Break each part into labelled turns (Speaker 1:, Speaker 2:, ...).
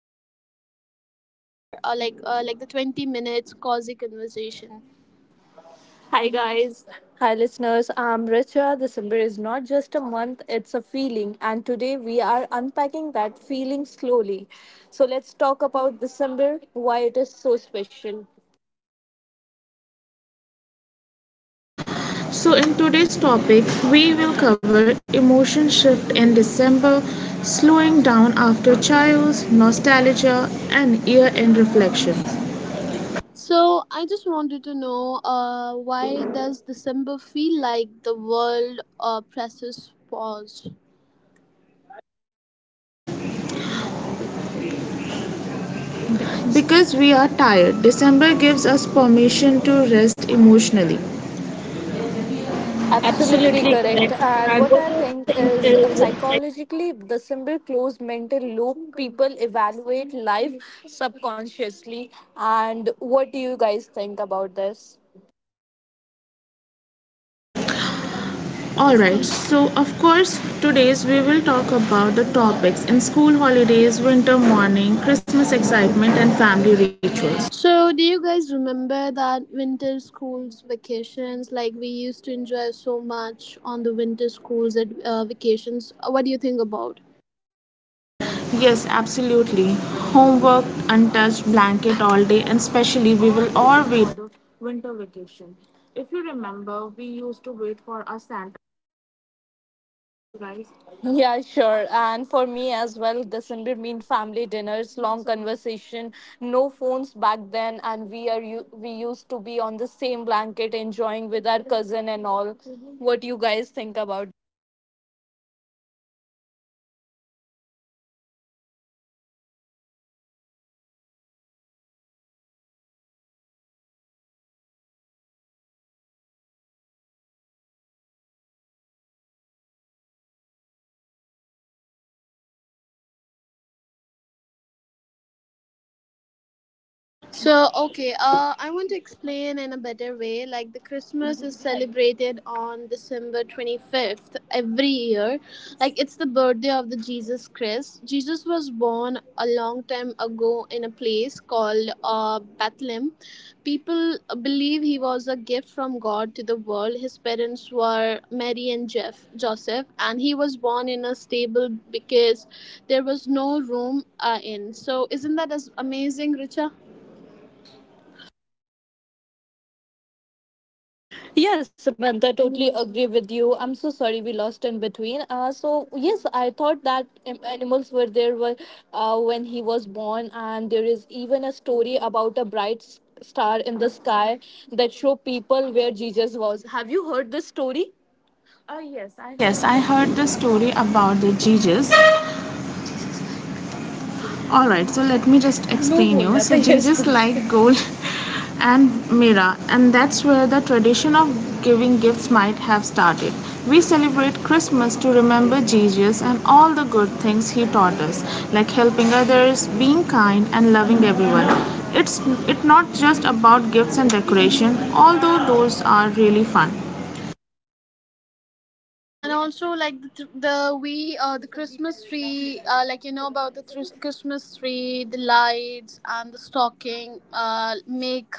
Speaker 1: this is a two-hour, like the 20 minutes cozy conversation.
Speaker 2: Hi, guys. Hi, listeners. I'm Richa. December is not just a month, it's a feeling. And today we are unpacking that feeling slowly. So, let's talk about December, why it is so special.
Speaker 3: So, in today's topic, we will cover emotion shift in December, slowing down after chaos, nostalgia, and year end reflection.
Speaker 1: So I just wanted to know, why does December feel like the world presses pause?
Speaker 3: Because we are tired, December gives us permission to rest emotionally.
Speaker 2: Absolutely
Speaker 3: Absolutely
Speaker 2: correct.
Speaker 3: correct.
Speaker 2: And
Speaker 3: And
Speaker 2: what
Speaker 3: what
Speaker 2: I
Speaker 3: I
Speaker 2: think
Speaker 3: think
Speaker 2: is
Speaker 3: is
Speaker 2: psychologically, December closed mental loop. People evaluate life subconsciously. And what do you guys think about this?
Speaker 3: all right, so of course, today's we will talk about the topics in school holidays, winter morning, Christmas excitement, and family rituals.
Speaker 1: So, do you guys remember that winter schools vacations? Like we used to enjoy so much on the winter schools at vacations. What do you think about?
Speaker 3: Yes, absolutely. Homework, untouched blanket all day, and
Speaker 2: Travel
Speaker 3: especially we
Speaker 2: or
Speaker 3: will all
Speaker 2: waiting for the
Speaker 3: waiting for the
Speaker 2: winter
Speaker 3: winter
Speaker 2: vacation.
Speaker 3: vacation.
Speaker 2: If you
Speaker 3: If you
Speaker 2: remember, we
Speaker 3: remember,
Speaker 2: used
Speaker 3: we
Speaker 2: to wait
Speaker 3: used to
Speaker 2: for
Speaker 3: wait
Speaker 2: our
Speaker 3: for
Speaker 2: Santa,
Speaker 3: our Santa Claus things. What do you
Speaker 2: you
Speaker 3: think of
Speaker 2: guys.
Speaker 3: you guys?
Speaker 2: Yeah, sure. And for me as well, December mean family dinners, long conversation, no phones back then, and we used to be on the same blanket enjoying with our cousin and all. What you guys think about?
Speaker 3: Alright, so Christmas is celebrated all over the world and it's one of the most fun time of the year. I think Christmas is special because it's above love, kindness and family. But why do we celebrate Christmas? Let me explain what I know. But let my friend explain this. So start guys.
Speaker 1: Okay, I want to explain in a better way. Like, the Christmas is celebrated on December 25th every year. Like, it's the birthday of the Jesus Christ. Jesus was born a long time ago in a place called Bethlehem. People believe he was a gift from God to the world. His parents were Mary and Joseph, and he was born in a stable because there was no room in. So, isn't that as amazing, Richa?
Speaker 2: Yes, Samantha, I totally agree with you. I'm so sorry we lost in between. So yes, I thought that animals were there when he was born, and there is even a story about a star in the sky that show people where Jesus was. Have you heard this story? Yes, I
Speaker 3: Yes,
Speaker 2: heard
Speaker 3: I
Speaker 2: the
Speaker 3: heard the
Speaker 2: story
Speaker 3: story
Speaker 2: about the
Speaker 3: about the
Speaker 2: Jesus.
Speaker 3: Jesus. All right, so let me just explain no, you, so I think like gold and mira, and that's where the tradition of giving gifts might have started. We celebrate Christmas to remember Jesus and all the good things he taught us, like helping others, being kind and loving everyone. It's, it not just about gifts and decoration, although those are really fun.
Speaker 1: And also like the, th- the we the Christmas tree, Christmas tree, the lights and the stocking make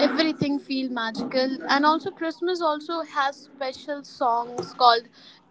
Speaker 1: everything feel magical. And also Christmas also has special songs called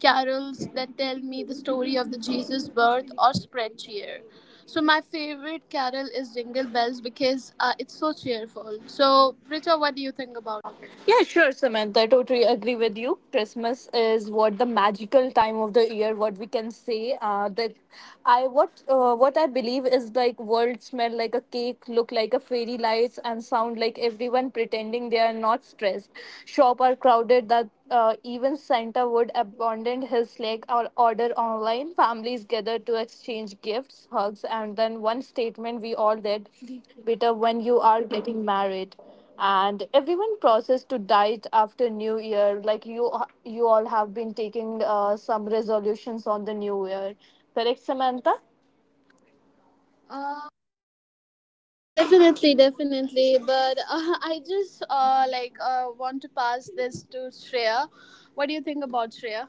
Speaker 1: carols that tell me the story of the Jesus birth or spread cheer. So my favorite carol is Jingle Bells because it's so cheerful. So Richa, what do you think about?
Speaker 2: Yeah, sure, Samantha. I totally agree with you. Christmas is what the magical time of the year, what we can say. That I what I believe is like world smell like a cake, look like a fairy lights, and sound like everyone pretending they are not stressed. Shop are crowded that even Santa would abandon his leg or order online. Families gather to exchange gifts, hugs, and then one statement we all did: "Bitter when you are getting married." And everyone process to diet after new year, like you all have been taking some resolutions on the new year, correct, Samantha?
Speaker 1: Definitely, definitely. But I just want to pass this to Shreya. What do you think about Shreya?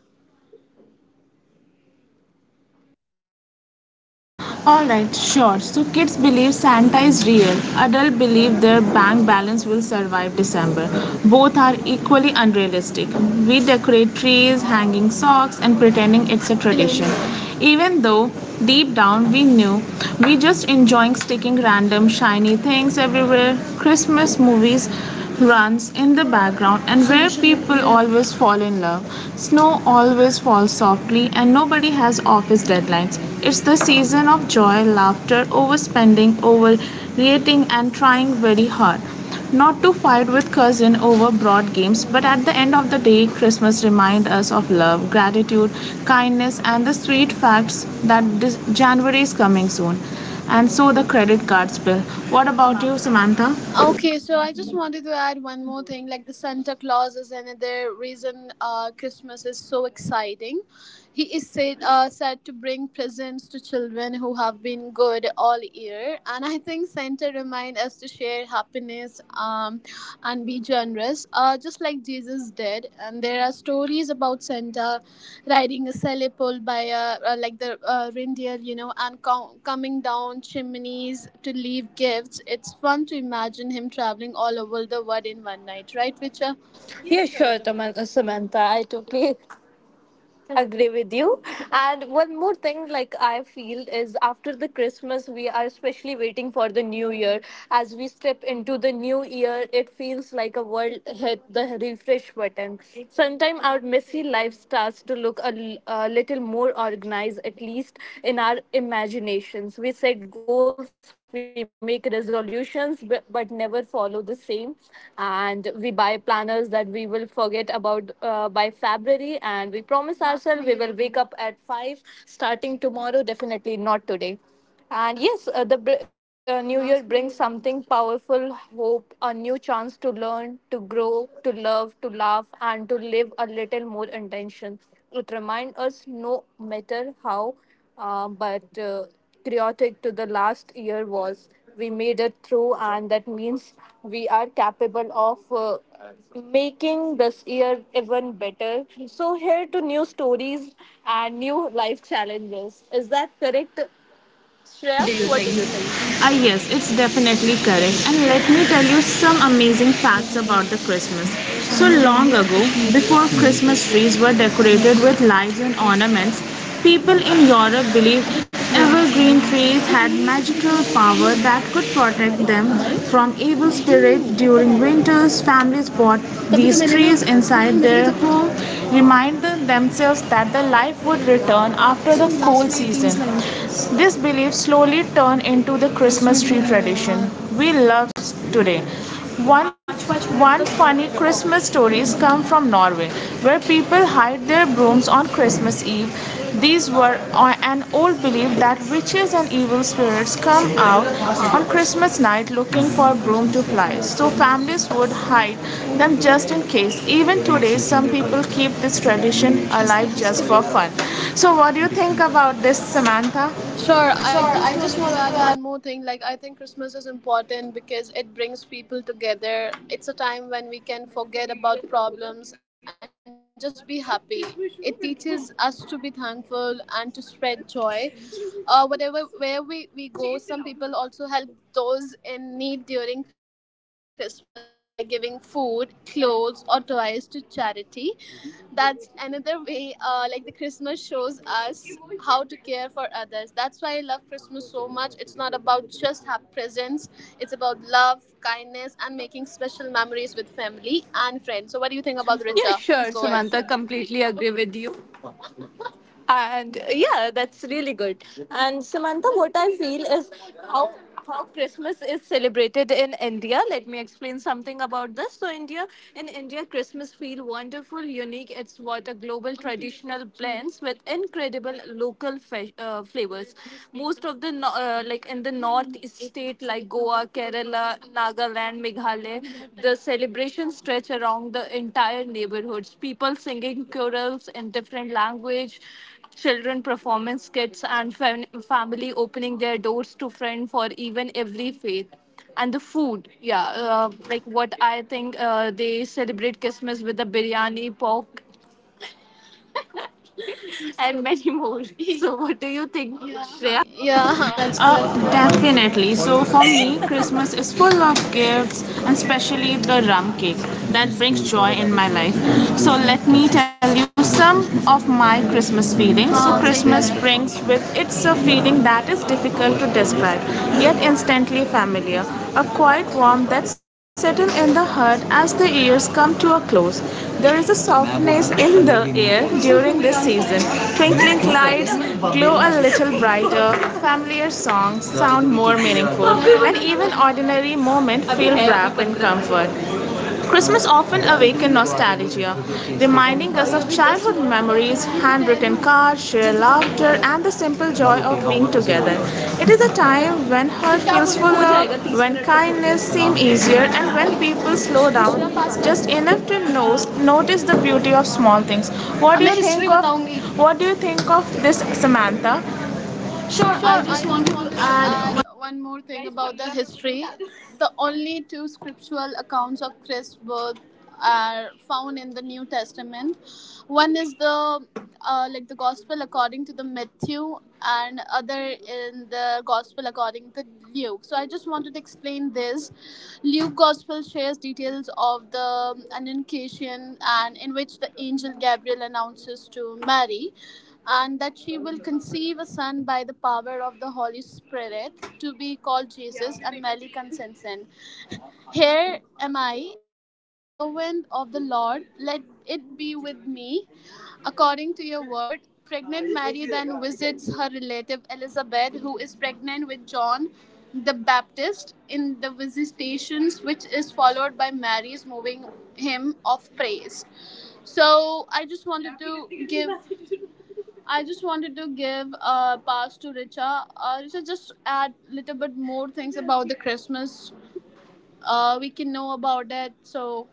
Speaker 3: Alright, sure. So kids believe Santa is real. Adults believe their bank balance will survive December. Both are equally unrealistic. We decorate trees, hanging socks, and pretending it's a tradition. Even though deep down we knew, we just enjoying sticking random shiny things everywhere. Christmas movies runs in the background and where people always fall in love. Snow always falls softly and nobody has office deadlines. It's the season of joy, laughter, overspending, overreacting and trying very hard. Not to fight with cousin over broad games, but at the end of the day, Christmas reminds us of love, gratitude, kindness, and the sweet facts that this January is coming soon. And so the credit cards bill. What about you, Samantha?
Speaker 1: Okay, so I just wanted to add one more thing. Like, the Santa Claus is another reason Christmas is so exciting. He is said to bring presents to children who have been good all year, and I think Santa reminds us to share happiness. And be generous, just like Jesus did. And there are stories about Santa riding a sleigh pulled by like the reindeer, you know, and coming down chimneys to leave gifts. It's fun to imagine him traveling all over the world in one night, right, Richa?
Speaker 2: Yeah, sure, Samantha, I totally agree with you. And one more thing, like I feel is, after the Christmas we are especially waiting for the new year. As we step into the new year, it feels like a world hit the refresh button. Sometime our messy life starts to look a little more organized, at least in our imaginations. We set goals, we make but never follow the same. And we buy planners that we will forget about by February. And we promise ourselves we will wake up at 5, starting tomorrow, definitely not today. And yes, new year brings something powerful: hope, a new chance to learn, to grow, to love, to laugh, and to live a little more intention. It reminds us, no matter how but chaotic to the last year was, we made it through, and that means we are capable of making this year even better. So, here to new stories and new life challenges. Is that correct, Shreya? What do you think?
Speaker 3: Ah, yes, it's definitely correct. And let me tell you some amazing facts about the Christmas. So long ago, before Christmas trees were decorated with lights and ornaments, people in Europe believed evergreen trees had magical power that could protect them from evil spirits during winters. Families bought these trees inside their home, reminding themselves that the life would return after the cold season. This belief slowly slowly turn into the Christmas tree tradition we love today. One, one funny Christmas stories come from Norway, where people hide their brooms on Christmas Eve. These were an old belief that witches and evil spirits come out on Christmas night looking for broom to fly, so families would hide them just in case. Even today, some people keep this tradition alive just for fun. So, what do you think about this, Samantha?
Speaker 1: Sure,
Speaker 3: Sure,
Speaker 1: I just
Speaker 3: I
Speaker 1: wanted
Speaker 3: just
Speaker 1: to
Speaker 3: wanted
Speaker 1: add
Speaker 3: to add.
Speaker 1: one more thing. Like, I think Christmas is important because it brings people together. It's a time when we can forget about problems and just be happy. It teaches us to be thankful and to spread joy. Whatever, where we go, some people also help those in need during Christmas by giving food, clothes, or toys to charity. That's another way like the Christmas shows us how to care for others. That's why I love Christmas so much. It's not about just have presents, it's about love, kindness, and making special memories with family and friends. So what do you think about, Richa? Please go ahead.
Speaker 2: Yeah, sure, Samantha. Completely agree with you. And yeah, that's really good. And Samantha, what I feel is, how how Christmas is celebrated in India. Let me explain something about this. So India, in India Christmas feel wonderful unique. It's what a global traditional blends with incredible local flavors. Most of the like in the north state like Goa, Kerala, Nagaland, Meghalaya. The celebrations stretch around the entire neighborhoods. People singing chorals in different language, children performing skits, and family opening their doors to friends for even every faith. And the food, yeah, like what I think, they celebrate Christmas with the biryani, pork, and many more. So, what do you think, Shreya?
Speaker 3: There.
Speaker 1: Yeah, that's
Speaker 3: That's
Speaker 1: good.
Speaker 3: cool, definitely. So for me, Christmas is full of gifts, and especially the rum cake that brings joy in my life. So let me tell you some of my Christmas feelings. So Christmas brings with it a feeling that is difficult to describe, yet instantly familiar, a quiet warmth that settles in the heart as the years come to a close. There is a softness in the air during this season. Twinkling lights glow a little brighter, familiar songs sound more meaningful, and even ordinary moments feel wrapped in comfort. Christmas often awakens nostalgia, reminding us of childhood memories, handwritten cards, shared laughter, and the simple joy of being together. It is a time when heart feels fuller, when kindness seems easier, and when people slow down just enough to know, notice the beauty of small things. What do you think of what do you think of this, Samantha? Sure,
Speaker 1: Sure,
Speaker 3: I
Speaker 1: I
Speaker 3: just
Speaker 1: just
Speaker 3: wanted to
Speaker 1: wanted to add
Speaker 3: add.
Speaker 1: one more thing about the history. The only two scriptural accounts of Christ's birth are found in the New Testament. One is the Gospel according to the Matthew, and other in the Gospel according to Luke. So I just wanted to explain this. Luke Gospel shares details of the annunciation, and in which the angel Gabriel announces to Mary and that she will conceive a son by the power of the Holy Spirit to be called Jesus, and Mary consent. Here am I, the servant of the Lord. Let it be with me according to your word. Pregnant Mary then visits her relative Elizabeth, who is pregnant with John the Baptist, in the visitations, which is followed by Mary's moving hymn of praise. So I just wanted to give a pass to Richa. Richa, just add a little bit more things about the Christmas. We can know about it. So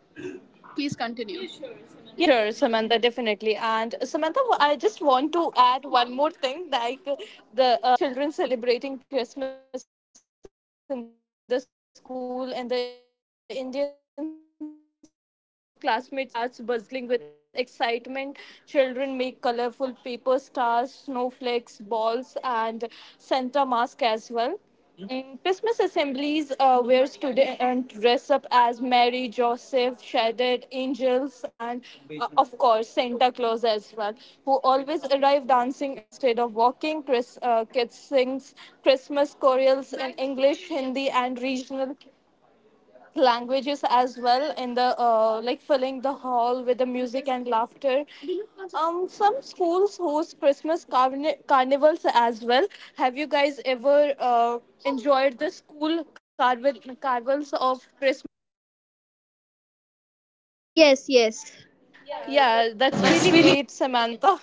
Speaker 1: please continue.
Speaker 2: Yeah, sure, Samantha, definitely. And Samantha, I just want to add one more thing, like the children celebrating Christmas in the school, and the Indian school Christmas feels like a full joy. The moment December arrives, classmates starts buzzing with excitement. Children make colorful paper stars, snowflakes, balls, and Santa mask as well in Christmas assemblies, where students dress up as Mary, Joseph, shaded angels, and of course Santa Claus as well, who always arrive dancing instead of walking. Kids sings Christmas chorales in English, Hindi, and regional languages as well, in the like filling the hall with the music and laughter. Um, some schools host carnivals as well. Have you guys ever enjoyed the school carnival carnivals of Christmas?
Speaker 1: Yes, yes.
Speaker 2: Yeah,
Speaker 3: Yeah,
Speaker 2: that's
Speaker 3: that's
Speaker 2: really
Speaker 3: really.
Speaker 2: great, Samantha.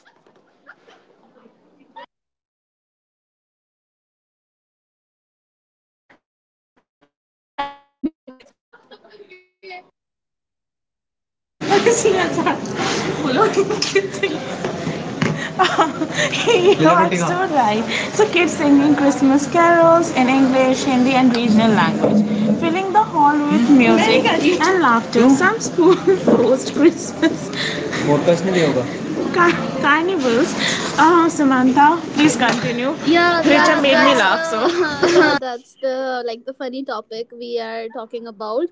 Speaker 2: I'm so sorry we lost connection in between.
Speaker 3: Yeah, it's so right. So kids singing Christmas carols in English, Hindi, and regional language, filling the hall with music and laughter. Some schools host Christmas podcast नहीं दिया होगा carnivals. Samantha, please continue.
Speaker 1: Yeah,
Speaker 3: Richa
Speaker 1: that's
Speaker 3: made me
Speaker 1: the
Speaker 3: laugh, so.
Speaker 1: yeah, that's the funny topic we are talking about.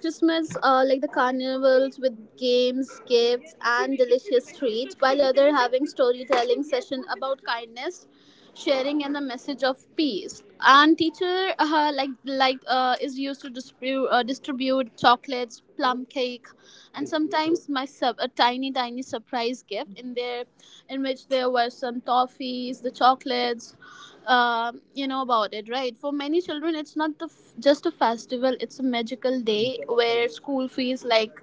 Speaker 1: Christmas, like the carnivals with games, gifts, and delicious treats, while other having storytelling session about kindness, sharing, and the message of peace. And teacher is used to distribute chocolates, plum cake, and sometimes my sub a tiny tiny surprise gift in there, in which there were some toffees, the chocolates. You know about it, right? For many children, it's not just a festival; it's a magical day where school feels like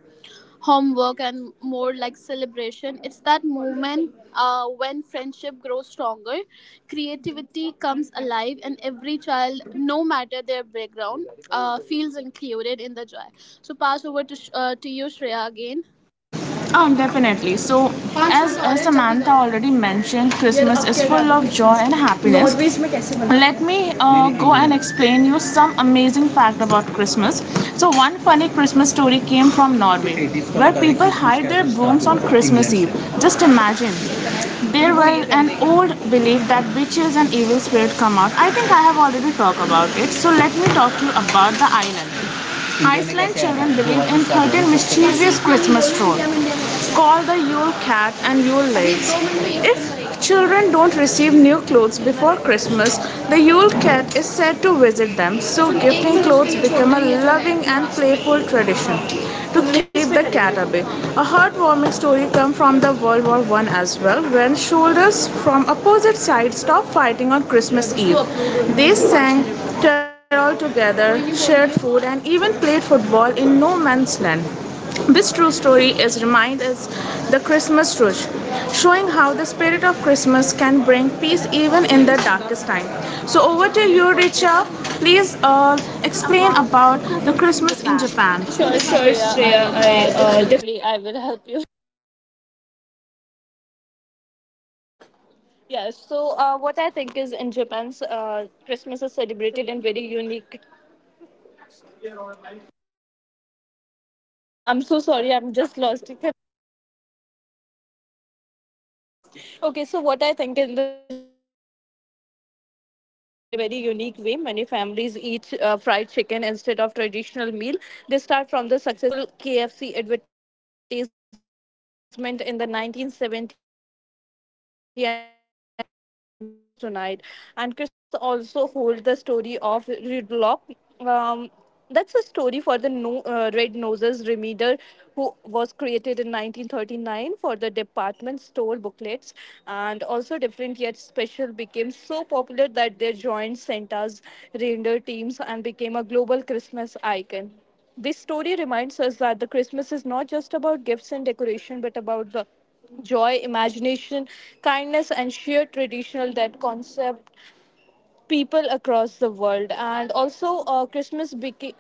Speaker 1: homework and more like celebration. It's that moment when friendship grows stronger, creativity comes alive, and every child, no matter their background, feels included in the joy. So pass over to, to you Shreya again.
Speaker 3: Oh, definitely. So, as Samantha already mentioned, Christmas is full of joy and happiness. Let me go and explain you some amazing fact about Christmas. So one funny Christmas story came from Norway, where people hide their brooms on Christmas Eve. Just imagine. There were an old belief that witches and evil spirits come out. I think I have already talked about it. So let me talk to you about the island. Iceland children believe in 13 mischievous Christmas trolls. Call the Yule Cat and Yule Lights. If children don't receive new clothes before Christmas, the Yule Cat is said to visit them, so gifting clothes become a loving and playful tradition to keep the cat away. A heartwarming story comes from the World War I as well, when soldiers from opposite sides stopped fighting on Christmas Eve. They sang carol together, shared food, and even played football in no man's land. This true story is remind as the Christmas truth, showing how the spirit of Christmas can bring peace even in the darkest time. So over to you, Richa. Please
Speaker 2: Explain
Speaker 3: explain
Speaker 2: about
Speaker 3: about
Speaker 2: the
Speaker 3: the
Speaker 2: Christmas in
Speaker 3: Christmas in
Speaker 2: Japan.
Speaker 3: Japan.
Speaker 2: Sure, Shreya. I, definitely I will help you. Yeah, so what I think is, in Japan, Christmas is celebrated in very unique. I'm so sorry, I'm just lost. Okay, so what I think, in the Japan, Christmas is celebrated in a very unique way. Many families eat fried chicken instead of traditional meal. They start from the successful KFC advertisement in the 1970 and became a nationwide Christmas tradition, and that game still continues tonight. And Christmas also holds the story of Rudolph. Um, That's a story for the no, Red Noses Remeter, who was created in 1939 for the department store booklets, and also different yet special became so popular that they joined Santa's reindeer teams and became a global Christmas icon. This story reminds us that the Christmas is not just about gifts and decoration, but about the joy, imagination, kindness, and sheer traditional that concept people across the world. And also uh, christmas beca-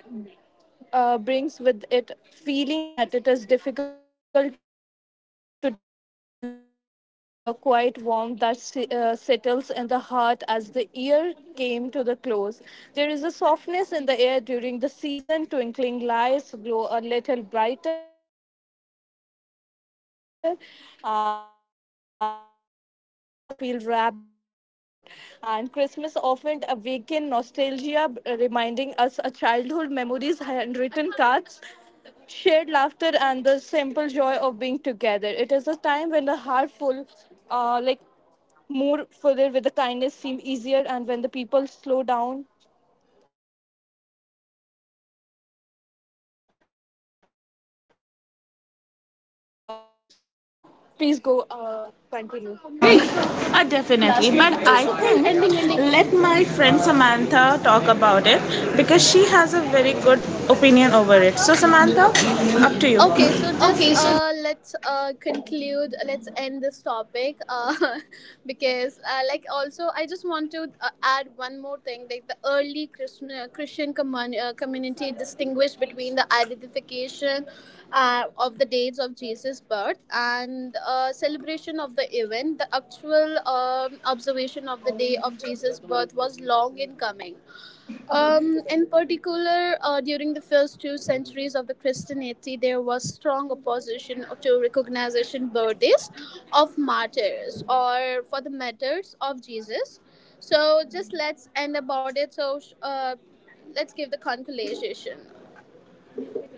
Speaker 2: uh, brings with it feeling that it is difficult to describe, yet instantly familiar, a quiet warmth that settles in the heart as the year came to the close. There is a softness in the air during the season. Twinkling lights glow a little brighter, and familiar song sounds more meaningful, and even ordinary moments feel wrapped in the comfort. And Christmas often awaken nostalgia, reminding us of childhood memories, handwritten cards, shared laughter, and the simple joy of being together. It is a time when the heart full, uh, like more fuller, with the kindness seem easier, and when the people slow down enough to notice the beauty of in the small things. Passed on the Shreya, please go continue.
Speaker 3: Definitely, but I think let my friend Samantha talk about it because she has a very good
Speaker 1: Opinion over it.
Speaker 3: opinion
Speaker 1: So,
Speaker 3: over it.
Speaker 1: Samantha,
Speaker 3: So Samantha,
Speaker 1: up to
Speaker 3: up
Speaker 1: you.
Speaker 3: to you.
Speaker 1: Okay, so just
Speaker 3: Okay, so
Speaker 1: let's conclude, let's end this topic because, also, I just want to add one more thing like, the early community distinguished between the identification of the dates of Jesus' birth and celebration of the event. The actual observation of the day of Jesus' birth was long in coming. In particular, during the first two centuries of the Christianity, there was strong opposition to recognition birthdays of martyrs or for the martyrs of Jesus. So just let's end about it. So let's give the conclusion.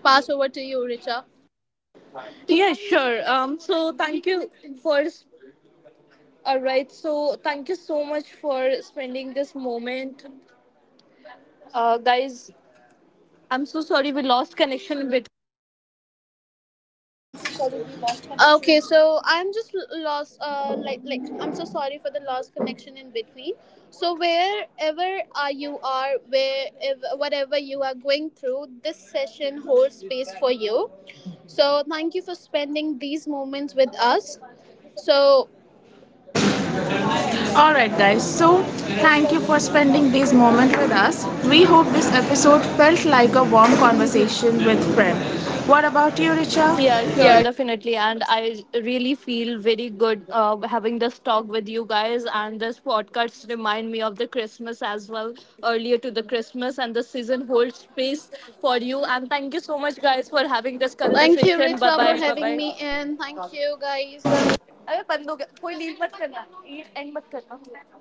Speaker 1: Pass over to you, Richa.
Speaker 2: Yeah, sure. So thank you for. All right. So thank you so much for spending this moment, guys. I'm so sorry we lost connection a bit.
Speaker 1: Okay, so lost. I'm so sorry for the lost connection in between. So wherever you are, where whatever you are going through, this session holds space for you. So thank you for spending these moments with us. So
Speaker 3: all right, guys. So, thank you for spending this moment with us. We hope this episode felt like a warm conversation with friend. What about you, Richa?
Speaker 2: Yeah, sure,
Speaker 3: Yeah,
Speaker 2: definitely. And I really feel very good having this talk with you guys. And this podcast remind me of the Christmas as well, earlier to the Christmas, and the season holds space for you. And thank you so much, guys, for having this
Speaker 1: thank you,
Speaker 2: conversation. Bye
Speaker 1: Richa, for
Speaker 2: bye. Bye
Speaker 1: having
Speaker 2: bye.
Speaker 1: me, and thank you, guys.
Speaker 2: अबे बंद हो गया कोई leave मत करना and मत करना